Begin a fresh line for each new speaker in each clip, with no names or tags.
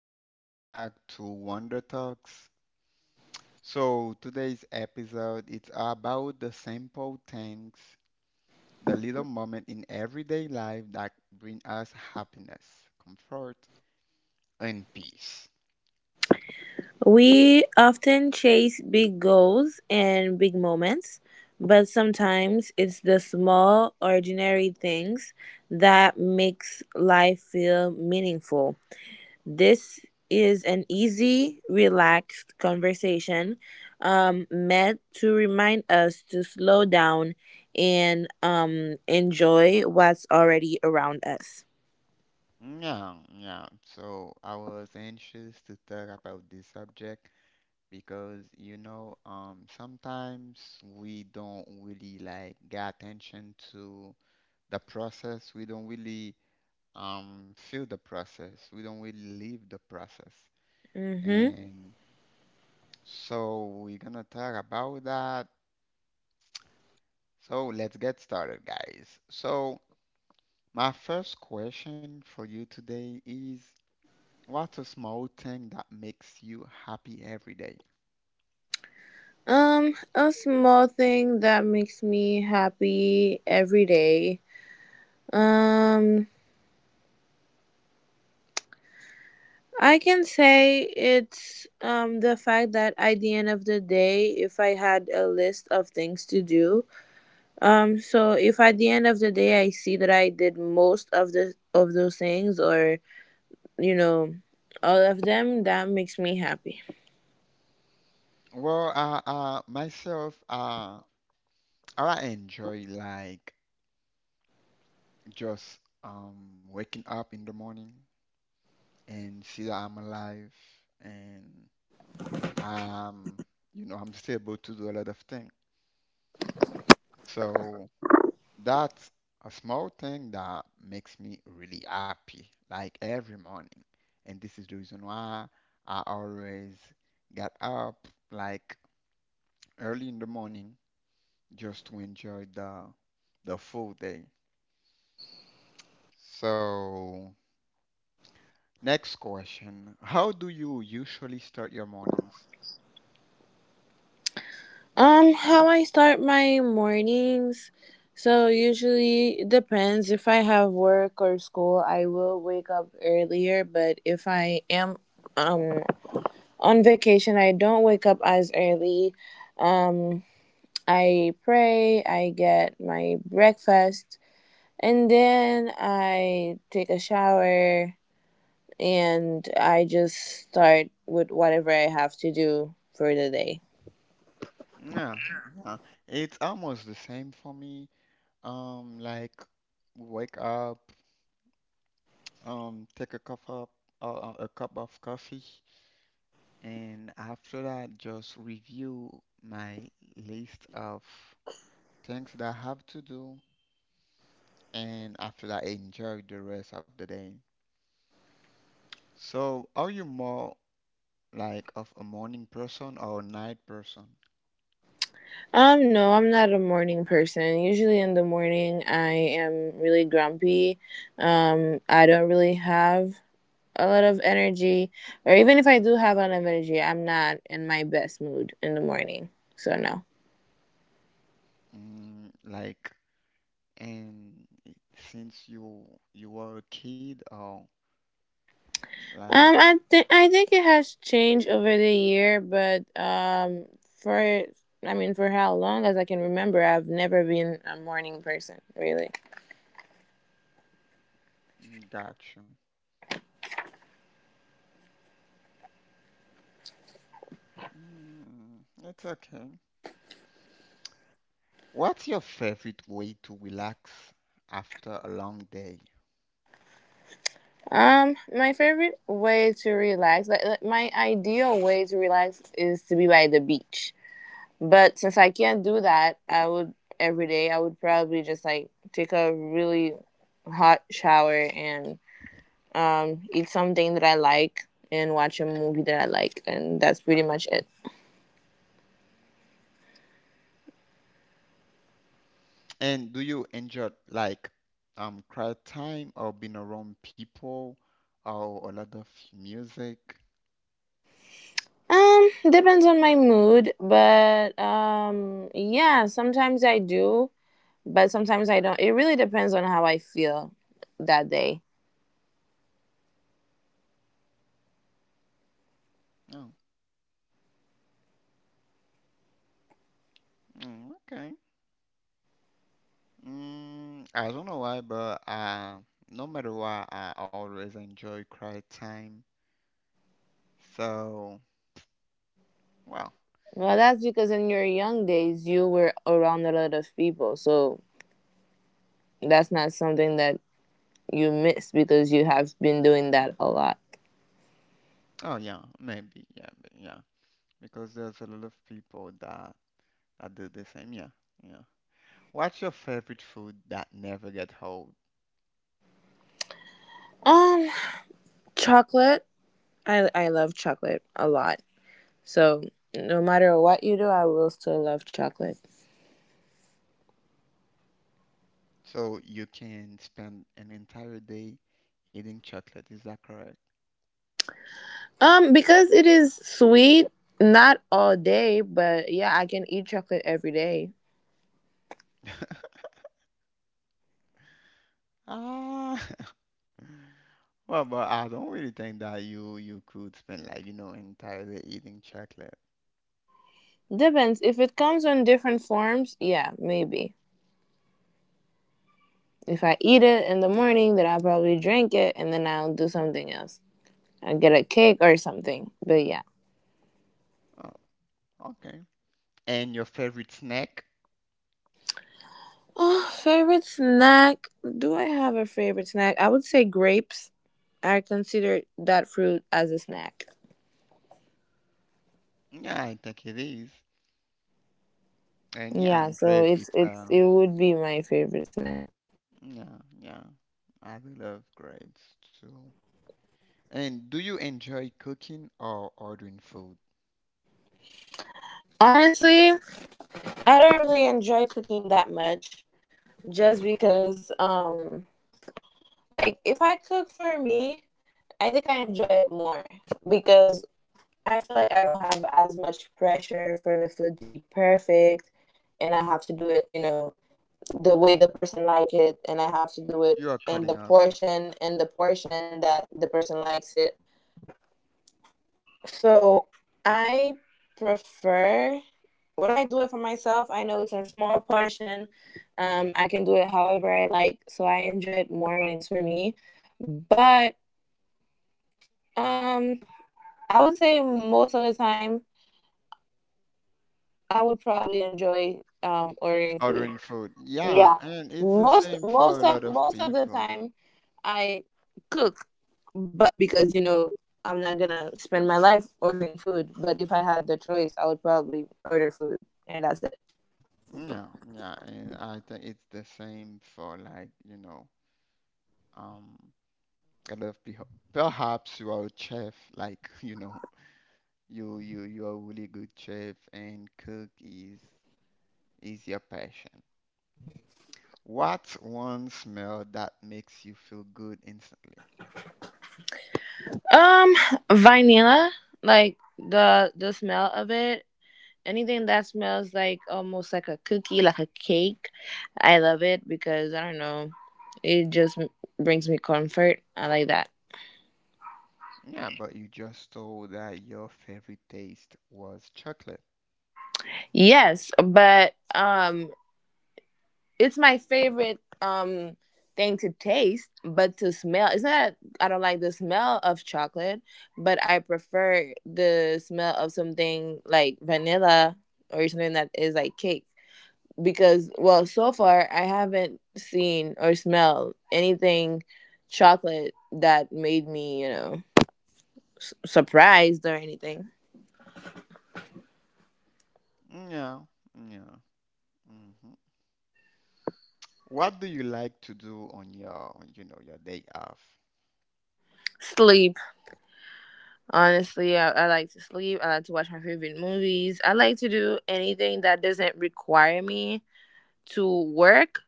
Welcome back to Wonder Talks. So, today's episode it's about the simple things, the little moment in everyday life that bring us happiness, comfort, and peace.
We often chase big goals and big moments, but sometimes it's the small, ordinary things that makes life feel meaningful. This is an easy, relaxed conversation meant to remind us to slow down and enjoy what's already around us.
Yeah, yeah. So, I was anxious to talk about this subject because sometimes we don't really like get attention to the process. We don't really feel the process. We don't really live the process.
Mm-hmm.
And so we're gonna talk about that. So let's get started, guys. So my first question for you today is, what's a small thing that makes you happy every day?
A small thing that makes me happy every day. Um, I can say it's the fact that at the end of the day, if I had a list of things to do, so if at the end of the day I see that I did most of the of those things or you know all of them, that makes me happy.
Well, myself, I enjoy like just waking up in the morning and see that I'm alive and. Um, you know, I'm still able to do a lot of things. So that's a small thing that makes me really happy, like every morning. And this is the reason why I always get up like early in the morning just to enjoy the full day. So next question. How do you usually start your mornings?
How I start my mornings. So usually it depends if I have work or school, I will wake up earlier, but if I am um on vacation, I don't wake up as early. Um, I pray, I get my breakfast, and then I take a shower and I just start with whatever I have to do for the day.
Yeah, yeah. It's almost the same for me. Like wake up, take a cup of coffee, and after that, just review my list of things that I have to do, and after that, enjoy the rest of the day. So, are you more like of a morning person or a night person?
No, I'm not a morning person. Usually in the morning, I am really grumpy. I don't really have a lot of energy, or even if I do have a lot of energy, I'm not in my best mood in the morning. So no.
Mm, like, and since you were a kid, or like,
I think it has changed over the year, but for I mean, for how long as I can remember, I've never been a morning person, really.
got you. Mm, it's okay. What's your favorite way to relax after a long day?
My favorite way to relax, like my ideal way to relax is to be by the beach. But since I can't do that, I would every day I would probably just like take a really hot shower and eat something that I like and watch a movie that I like and that's pretty much it.
And do you enjoy like quiet time or being around people or a lot of music?
Depends on my mood, but yeah, sometimes I do, but sometimes I don't. It really depends on how I feel that day.
Oh, mm, okay. Mm, I don't know why, but no matter what, I always enjoy quiet time. So, well,
Well, that's because in your young days you were around a lot of people, so that's not something that you miss because you have been doing that a lot.
oh yeah, maybe, yeah, but yeah, because there's a lot of people that do the same. Yeah, yeah. What's your favorite food that never gets old?
Um, Chocolate. I love chocolate a lot. So no matter what you do, I will still love chocolate.
So you can spend an entire day eating chocolate, is that correct?
Because it is sweet, not all day, but yeah, I can eat chocolate every day.
Ah, well, but I don't really think that you could spend like, you know, entire day eating chocolate.
Depends. If it comes in different forms, yeah, maybe. If I eat it in the morning, then I'll probably drink it and then I'll do something else. I'll get a cake or something. But yeah.
Oh, okay. And your favorite snack?
Oh, favorite snack. Do I have a favorite snack? I would say grapes. I consider that fruit as a snack.
Yeah, I think it is. And yeah,
Yeah, so
grape,
it's
it's
it's it would be my favorite snack.
yeah, yeah. I do love grapes too. And do you enjoy cooking or ordering food?
Honestly, I don't really enjoy cooking that much just because like if I cook for me, I think I enjoy it more because I feel like I don't have as much pressure for the food to be perfect and I have to do it, you know, the way the person like it and I have to do it
You are
in
cutting
the
off.
portion in the portion that the person likes it. So I prefer when I do it for myself, I know it's a small portion. I can do it however I like, so I enjoy it more when it's for me. But um, I would say most of the time I would probably enjoy ordering food.
Ordering food. Yeah,
Yeah.
and it's the
Most
same for
most
a lot
of
of
most of the
people.
time I cook but because you know I'm not going to spend my life ordering food, but if I had the choice, I would probably order food and that's it.
Yeah, yeah, and I think it's the same for like, you know, um, a lot of people. Perhaps you are a chef, like, you know, you are a really good chef and cook is your passion. What's one smell that makes you feel good instantly?
Um Vanilla, like the smell of it. Anything that smells like almost like a cookie, like a cake, I love it because I don't know, it just brings me comfort. I like that.
Yeah, but you just told that your favorite taste was chocolate.
Yes, but it's my favorite thing to taste, but to smell. It's not I don't like the smell of chocolate, but I prefer the smell of something like vanilla or something that is like cake because well, so far I haven't seen or smelled anything chocolate that made me, you know, surprised or anything.
Yeah, yeah. Mm-hmm. What do you like to do on you know, your day off?
Sleep. Honestly, I like to sleep. I like to watch my favorite movies. I like to do anything that doesn't require me to work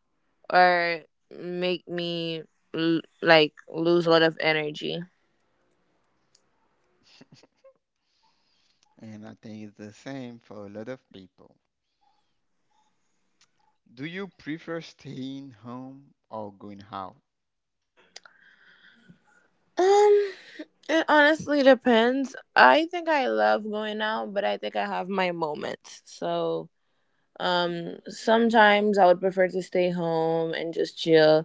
or make me like lose a lot of energy.
And I think it's the same for a lot of people. Do you prefer staying home or going out?
Um, it honestly depends. I think I love going out, but I think I have my moments. So sometimes I would prefer to stay home and just chill,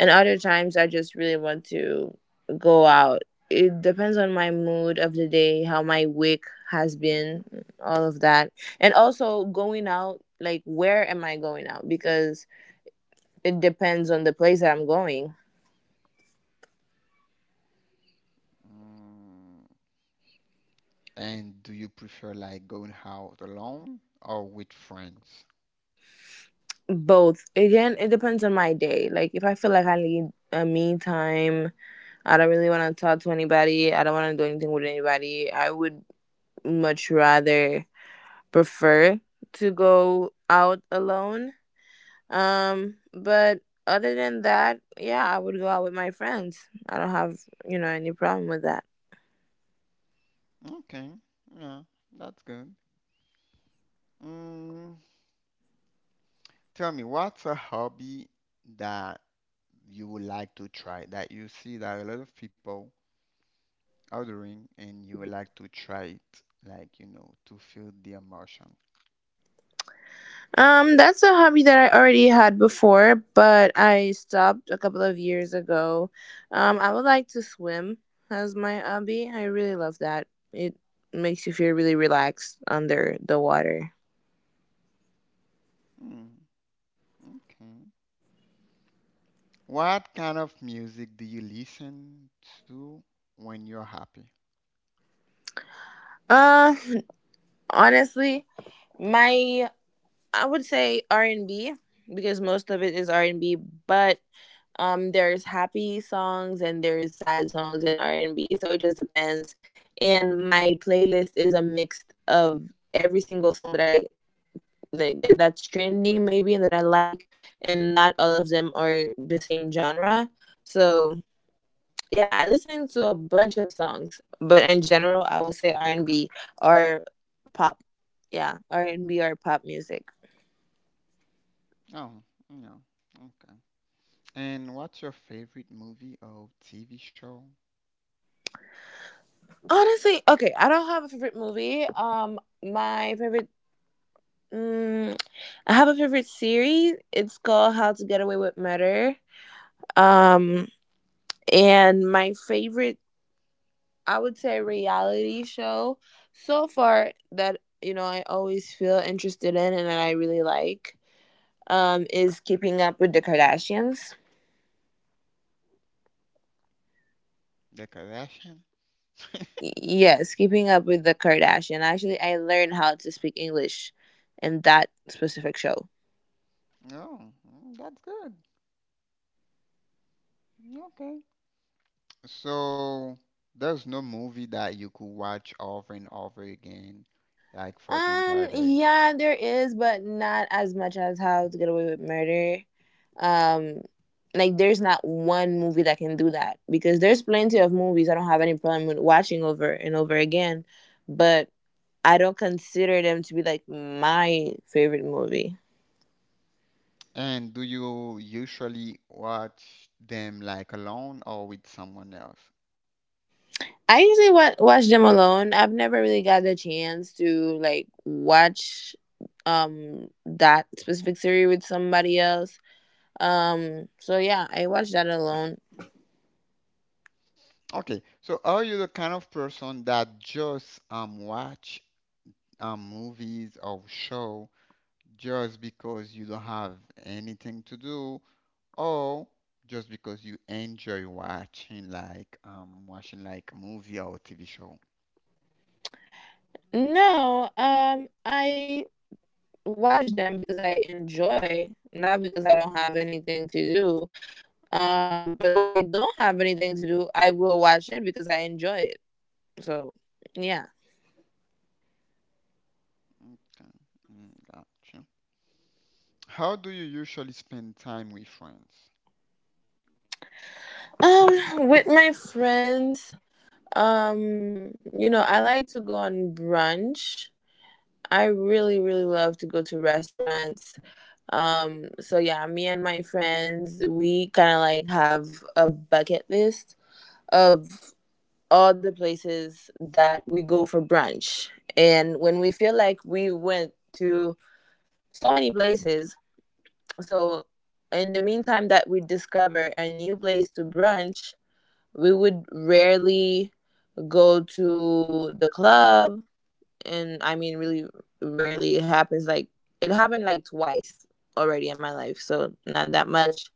and other times I just really want to go out. It depends on my mood of the day, how my week has been, all of that. And also going out, like where am I going out? Because it depends on the place that I'm going.
Mm. And do you prefer like going out alone or with friends?
Both. Again, it depends on my day. Like if I feel like I need a me time, I don't really want to talk to anybody, I don't want to do anything with anybody, I would much rather prefer to go out alone. But other than that, yeah, I would go out with my friends. I don't have, you know, any problem with that.
Okay, yeah, that's good. Mm. Tell me, what's a hobby that you would like to try that you see that a lot of people ordering and you would like to try it, like, you know, to feel the emotion.
That's a hobby that I already had before, but I stopped a couple of years ago. I would like to swim as my hobby. I really love that. It makes you feel really relaxed under the water.
Hmm, okay. What kind of music do you listen to when you're happy?
Uh, Honestly, my I would say R and B because most of it is R and B, but there's happy songs and there's sad songs and R and B. So it just depends. And my playlist is a mix of every single song that I like, that that's trending maybe and that I like, and not all of them are the same genre. So yeah, I listen to a bunch of songs, but in general, I will say R and B or pop. Yeah, R and B or pop music.
Oh, no. Okay. And what's your favorite movie or TV show?
Honestly, okay, I don't have a favorite movie. My favorite, mm, I have a favorite series. It's called How to Get Away with Murder. Um, and my favorite, I would say, reality show so far that you know I always feel interested in and that I really like, is Keeping Up with the Kardashians.
The Kardashian?
Yes, Keeping Up with the Kardashian. Actually, I learned how to speak English in that specific show.
Oh, mm, that's good. Okay. So there's no movie that you could watch over and over again, like for the entire day.
Yeah, there is, but not as much as How to Get Away with Murder. Um, like there's not one movie that can do that because there's plenty of movies I don't have any problem with watching over and over again, but I don't consider them to be like my favorite movie.
And do you usually watch them like alone or with someone else?
I usually watch them alone. I've never really got the chance to like watch that specific series with somebody else. So yeah, I watch that alone.
Okay, so are you the kind of person that just watch movies or show just because you don't have anything to do or just because you enjoy watching like a movie or TV show?
No, I watch them because I enjoy, not because I don't have anything to do. But when I don't have anything to do, I will watch it because I enjoy it. So, yeah.
Okay, mm, gotcha. How do you usually spend time with friends?
With my friends Um, you know, I like to go on brunch. I really, really love to go to restaurants. So yeah, me and my friends, we kind of like have a bucket list of all the places that we go for brunch. And when we feel like we went to so many places, so in the meantime that we discover a new place to brunch, we would rarely go to the club and I mean really rarely it happens like it happened like twice already in my life, so not that much.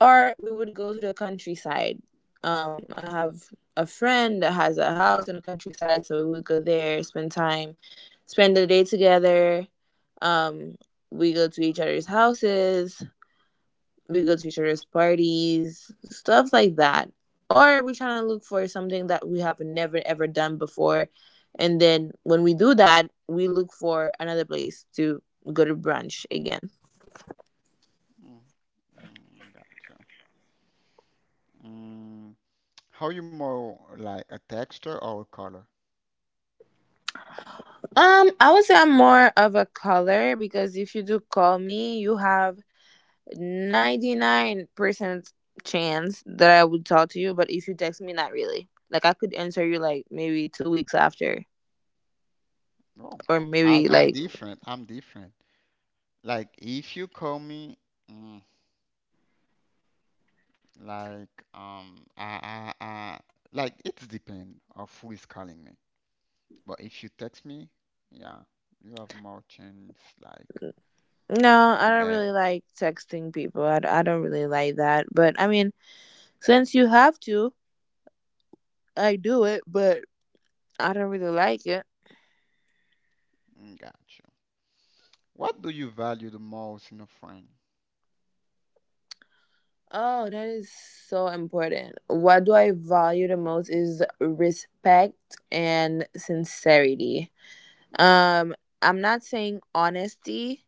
Or we would go to the countryside. I have a friend that has a house in the countryside, so we would go there, spend time, spend the day together. Um we go to each other's houses, we go to each other's parties, stuff like that. Or we're trying to look for something that we have never ever done before. And then when we do that, we look for another place to go to brunch again.
Mm, mm, gotcha. Mm. How you more like a texture or a color?
I would say I'm more of a caller because if you do call me, you have 99% chance that I would talk to you. But if you text me, not really. Like I could answer you like maybe 2 weeks after,
Oh,
or maybe
I'm
like
different. I'm different. Like if you call me, mm, like um, I, I, I, like it's depend of who is calling me. But if you text me, yeah, you have more chance like
No, I
to
don't
get.
really like texting people. I don't really like that. But I mean, since you have to, I do it, but I don't really like it.
Mm, got you. What do you value the most in a friend?
Oh, that is so important. What do I value the most is respect and sincerity. Um, I'm not saying honesty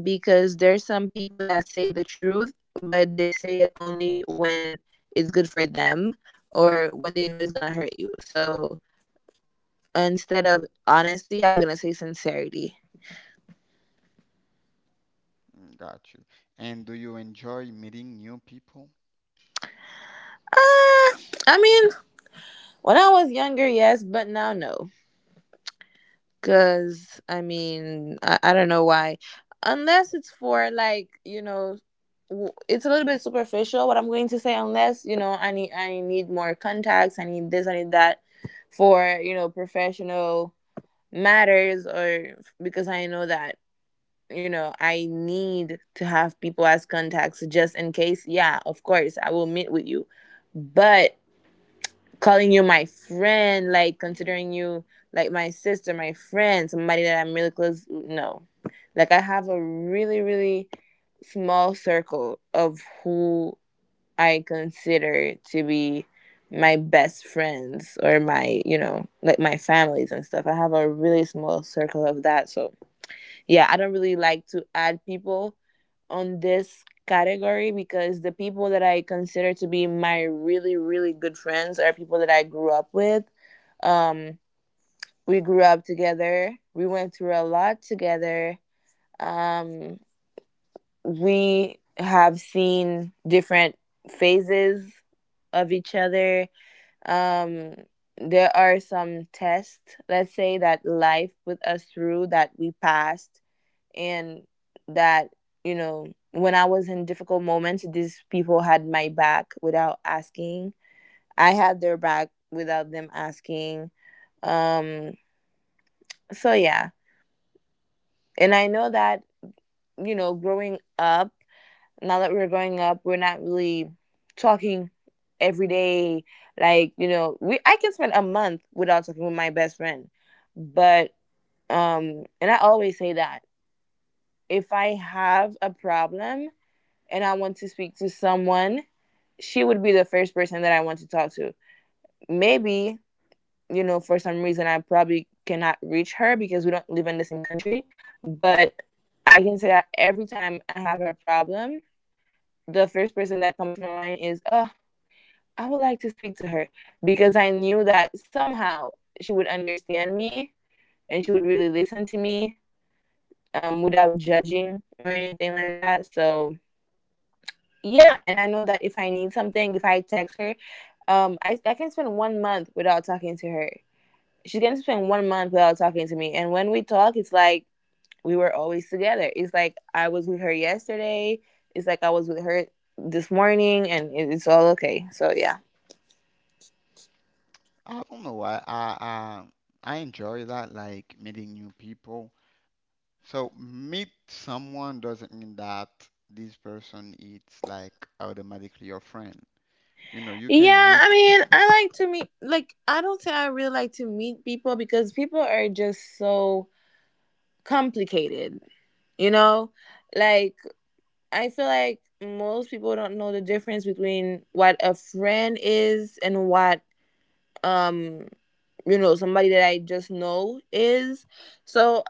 because there's some people that say the truth, but they say it only when it's good for them or when they know it's gonna hurt you. So instead of honesty, I'm gonna say sincerity.
Mm, got you. And do you enjoy meeting new people?
Uh, I mean, when I was younger, yes, but now no. Cause I mean, I don't know why. Unless it's for, like, it's a little bit superficial what I'm going to say. Unless I need more contacts. I need this. I need that for professional matters, or because I know that, I need to have people as contacts just in case. Yeah, of course, I will meet with you. But calling you my friend, like considering you like my sister, my friend, somebody that I'm really close, no. Like I have a really, really small circle of who I consider to be my best friends or my, like my families and stuff. I have a really small circle of that. So, yeah, I don't really like to add people on this category because the people that I consider to be my really, really good friends are people that I grew up with. Um, we grew up together, we went through a lot together. Um, we have seen different phases of each other. Um, there are some tests, let's say, that life put us through that we passed, and that, you know when I was in difficult moments, these people had my back without asking. I had their back without them asking. Um, so yeah, and I know that, growing up, now that we're growing up, we're not really talking every day. Like, you know, we I can spend a month without talking with my best friend, but and I always say that if I have a problem, and I want to speak to someone, she would be the first person that I want to talk to. Maybe, for some reason I probably cannot reach her because we don't live in the same country, but I can say that every time I have a problem, the first person that comes to my mind is, oh, I would like to speak to her because I knew that somehow she would understand me and she would really listen to me, without judging or anything like that. So, yeah, and I know that if I need something, if I text her, I can spend 1 month without talking to her. She's gonna spend 1 month without talking to me, and when we talk, it's like we were always together. It's like I was with her yesterday. It's like I was with her this morning, and it's all okay. So yeah.
I don't know why. I enjoy that, like meeting new people. So meet someone doesn't mean that this person is like automatically your friend. You know, you can
Yeah,
meet.
I mean, I like to meet. Like I don't say I really like to meet people because people are just so complicated. You know, like, I feel like most people don't know the difference between what a friend is and what um somebody that I just know is. So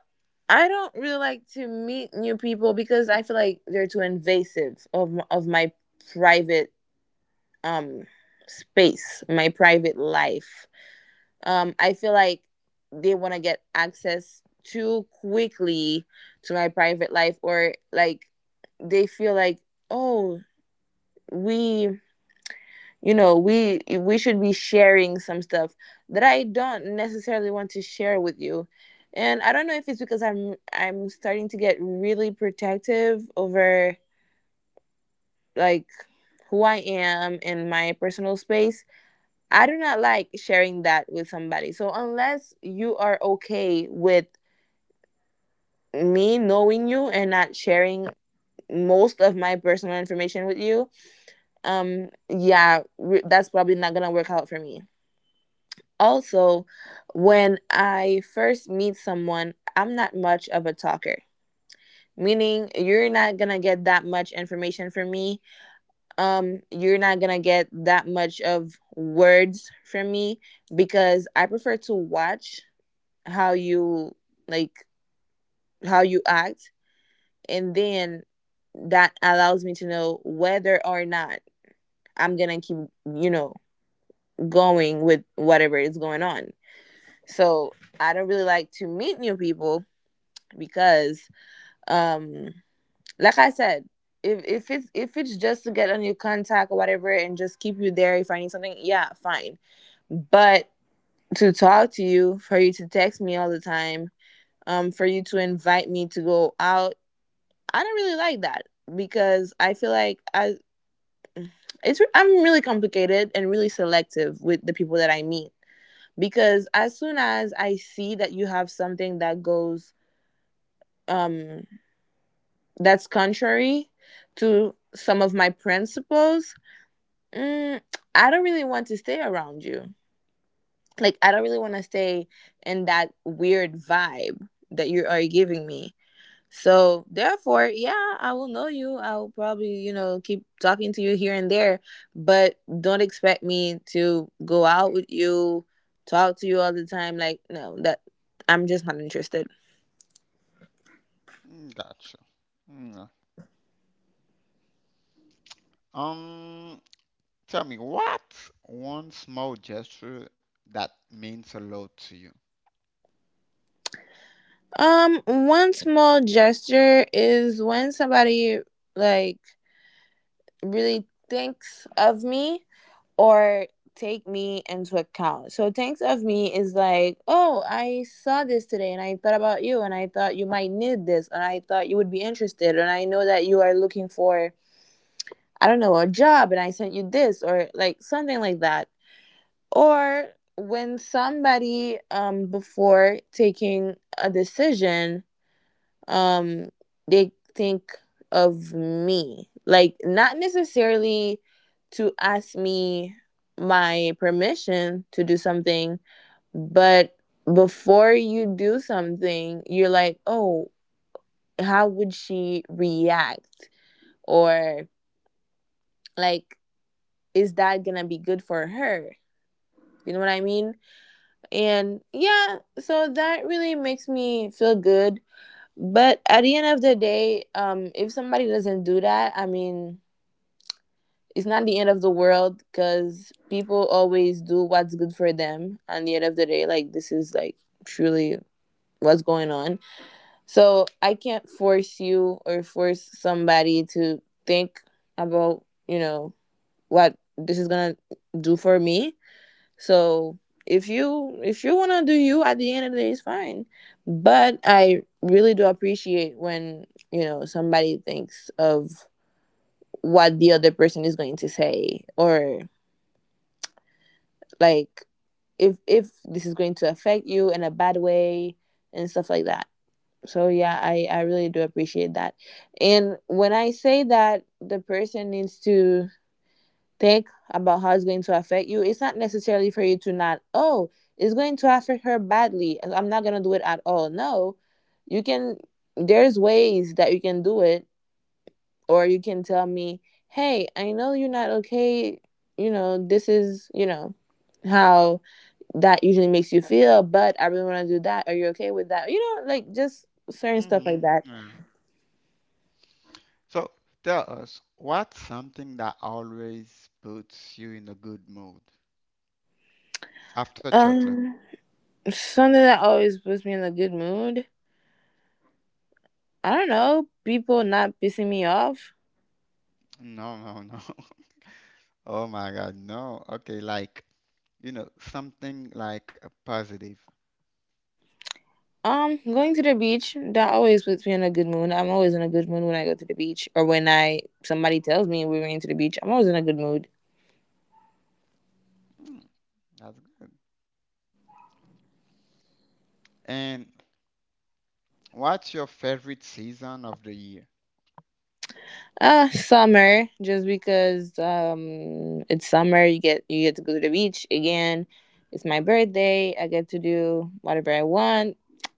I don't really like to meet new people because I feel like they're too invasive of of my private, um space, my private life. I feel like they want to get access too quickly to my private life, or like they feel like, oh, we, we should be sharing some stuff that I don't necessarily want to share with you, and I don't know if it's because I'm starting to get really protective over, like, who I am in my personal space. I do not like sharing that with somebody, so unless you are okay with me knowing you and not sharing most of my personal information with you, yeah, that's probably not gonna work out for me. Also, when I first meet someone, I'm not much of a talker. Meaning you're not gonna get that much information from me. You're not gonna get that much of words from me because I prefer to watch how you, like, how you act, and then that allows me to know whether or not I'm gonna keep, you know, going with whatever is going on. So I don't really like to meet new people because, um like I said, if it's just to get on your contact or whatever and just keep you there, if I need something, yeah, fine. But to talk to you, for you to text me all the time, for you to invite me to go out, I don't really like that, because I feel like I'm really complicated and really selective with the people that I meet, because as soon as I see that you have something that goes, um that's contrary to some of my principles, mm, I don't really want to stay around you. Like, I don't really want to stay in that weird vibe that you are giving me. So, therefore, yeah, I will know you. I will probably, you know, keep talking to you here and there, but don't expect me to go out with you, talk to you all the time. Like, no, that I'm just not interested.
Mm, gotcha. Mm. uh, Um, Tell me, what one small gesture that means a lot to you?
One small gesture is when somebody, like, really thinks of me or take me into account. So thinks of me is like, oh, I saw this today and I thought about you and I thought you might need this and I thought you would be interested and I know that you are looking for, I don't know, a job, and I sent you this or like something like that. Or when somebody, before taking a decision, um they think of me, like, not necessarily to ask me my permission to do something, but before you do something you're like, oh, how would she react, or, like, is that gonna be good for her, you know what I mean, and yeah, so that really makes me feel good. But at the end of the day, if somebody doesn't do that, I mean, it's not the end of the world because people always do what's good for them. At the end of the day, like, this is like truly what's going on. So I can't force you or force somebody to think about, what this is gonna do for me. So if you wanna do you at the end of the day, it's fine. But I really do appreciate when, somebody thinks of what the other person is going to say, or like, if this is going to affect you in a bad way and stuff like that. So yeah, I really do appreciate that. And when I say that the person needs to think about how it's going to affect you, it's not necessarily for you to not, oh, it's going to affect her badly, and I'm not going to do it at all. No, you can, there's ways that you can do it, or you can tell me, hey, I know you're not okay. You know, this is, you know, how that usually makes you feel, but I really want to do that. Are you okay with that? You know, like just certain stuff like
Hmm.
that.
Yeah. So tell us, what's something that always puts you in a good mood after chocolate?
Um, Something that always puts me in a good mood. I don't know, people not pissing me off.
No, no, no. Oh my God, no. Okay, like, you know, something like a positive.
Going to the beach, that always puts me in a good mood. I'm always in a good mood when I go to the beach or when I somebody tells me we were into the beach, I'm always in a good mood.
Mm, that's good. And what's your favorite season of the year?
Summer, just because it's summer, you get to go to the beach again. It's my birthday, I get to do whatever I want.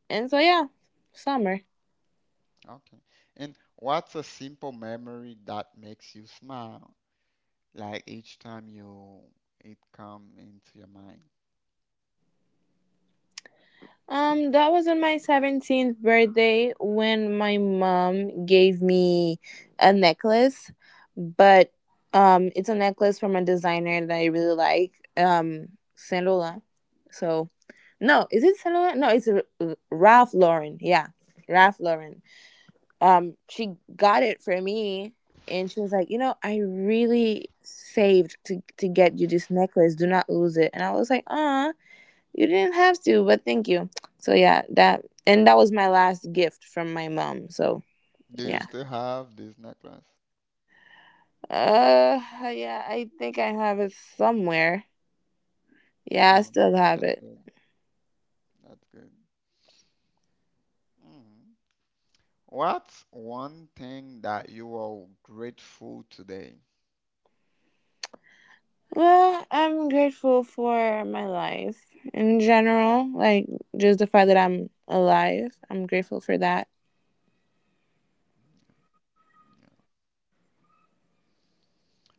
And so yeah, summer.
Okay. And what's a simple memory that makes you smile, like each time you it come into your mind?
That was on my 17th birthday when my mom gave me a necklace, but it's a necklace from a designer that I really like, um, Saint Laurent. So no, is it Saint Laurent? No, it's a, Ralph Lauren. Yeah, Ralph Lauren. She got it for me, and she was like, you know, I really saved to get you this necklace. Do not lose it. And I was like, ah, you didn't have to, but thank you. So yeah, that, and that was my last gift from my mom. So
Do you
yeah.
still have this necklace?
Uh yeah, I think I have it somewhere. Yeah, I
Yeah,
still
that's
have it.
good. That's good. Mhm. What's one thing that you are grateful today?
Well, I'm grateful for my life in general, like just the fact that I'm alive. I'm grateful for that.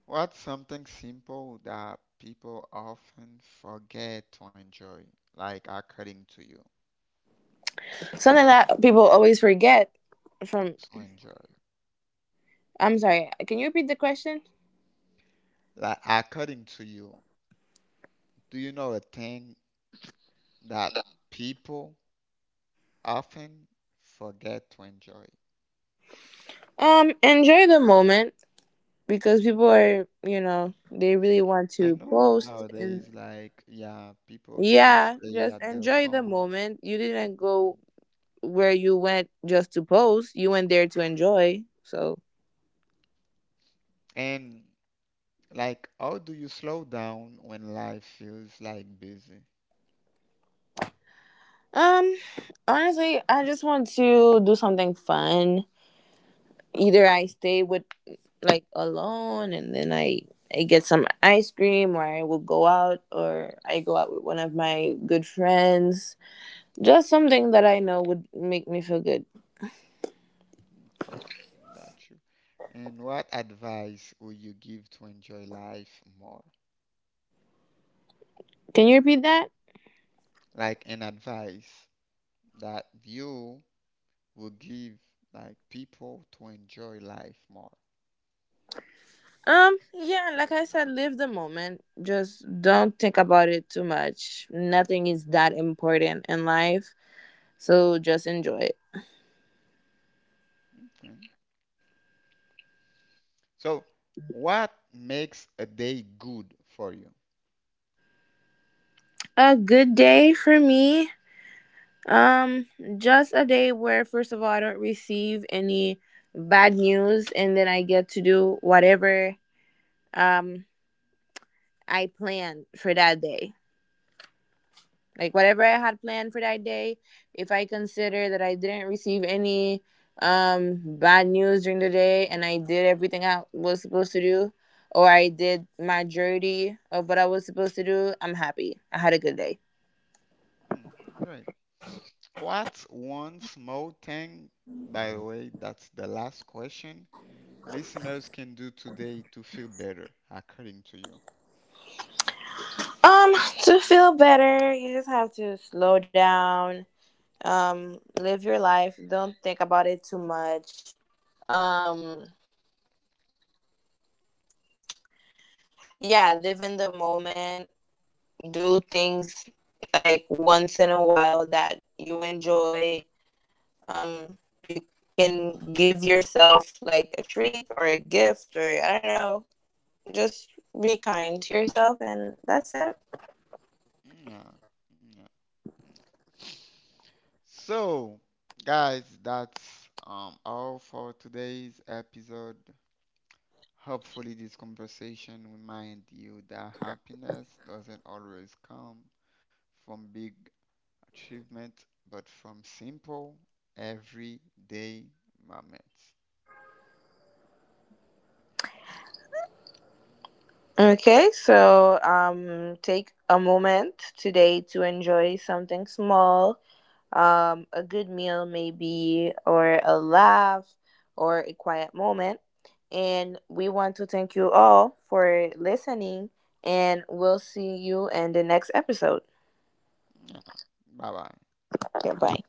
What's something simple that people often forget to enjoy? Like according to you,
Something that people always forget from...
to enjoy.
I'm sorry, can you repeat the question?
Like according to you, do you know a thing that people often forget to enjoy?
Enjoy the moment, because people are, they really want
I
to
know
post, and
nowadays, like, yeah, people just
yeah,
stay
just
at their
enjoy the
phone.
moment. You didn't go where you went just to post, you went there to enjoy. So
And like, how do you slow down when life feels like busy?
um honestly, I just want to do something fun. Either I stay with, like, alone, and then I get some ice cream, or I will go out, or I go out with one of my good friends, just something that I know would make me feel good.
Okay, got you. And what advice would you give to enjoy life more?
Can you repeat that?
Like an advice that you would give like people to enjoy life more.
Yeah, like I said, live the moment. Just don't think about it too much. Nothing is that important in life, so just enjoy it.
Okay. So, what makes a day good for you?
A good day for me. Um, just a day where first of all I don't receive any bad news, and then I get to do whatever um I planned for that day. Like whatever I had planned for that day, if I consider that I didn't receive any bad news during the day and I did everything I was supposed to do, or I did majority of what I was supposed to do, I'm happy. I had a good day.
Mm, great. What's one small thing, by the way, that's the last question, listeners can do today to feel better, according to you?
Um to feel better, you just have to slow down, um live your life, don't think about it too much. Um yeah, live in the moment. Do things, like, once in a while that you enjoy. Um, you can give yourself, like, a treat or a gift, or I don't know. Just be kind to yourself, and that's it.
Yeah. Yeah. So, guys, that's all for today's episode. Hopefully, this conversation remind you that happiness doesn't always come from big achievement, but from simple, everyday moments.
Okay, so take a moment today to enjoy something small. A good meal, maybe, or a laugh, or a quiet moment. And we want to thank you all for listening, and we'll see you in the next episode.
Yeah. Bye bye.
Goodbye.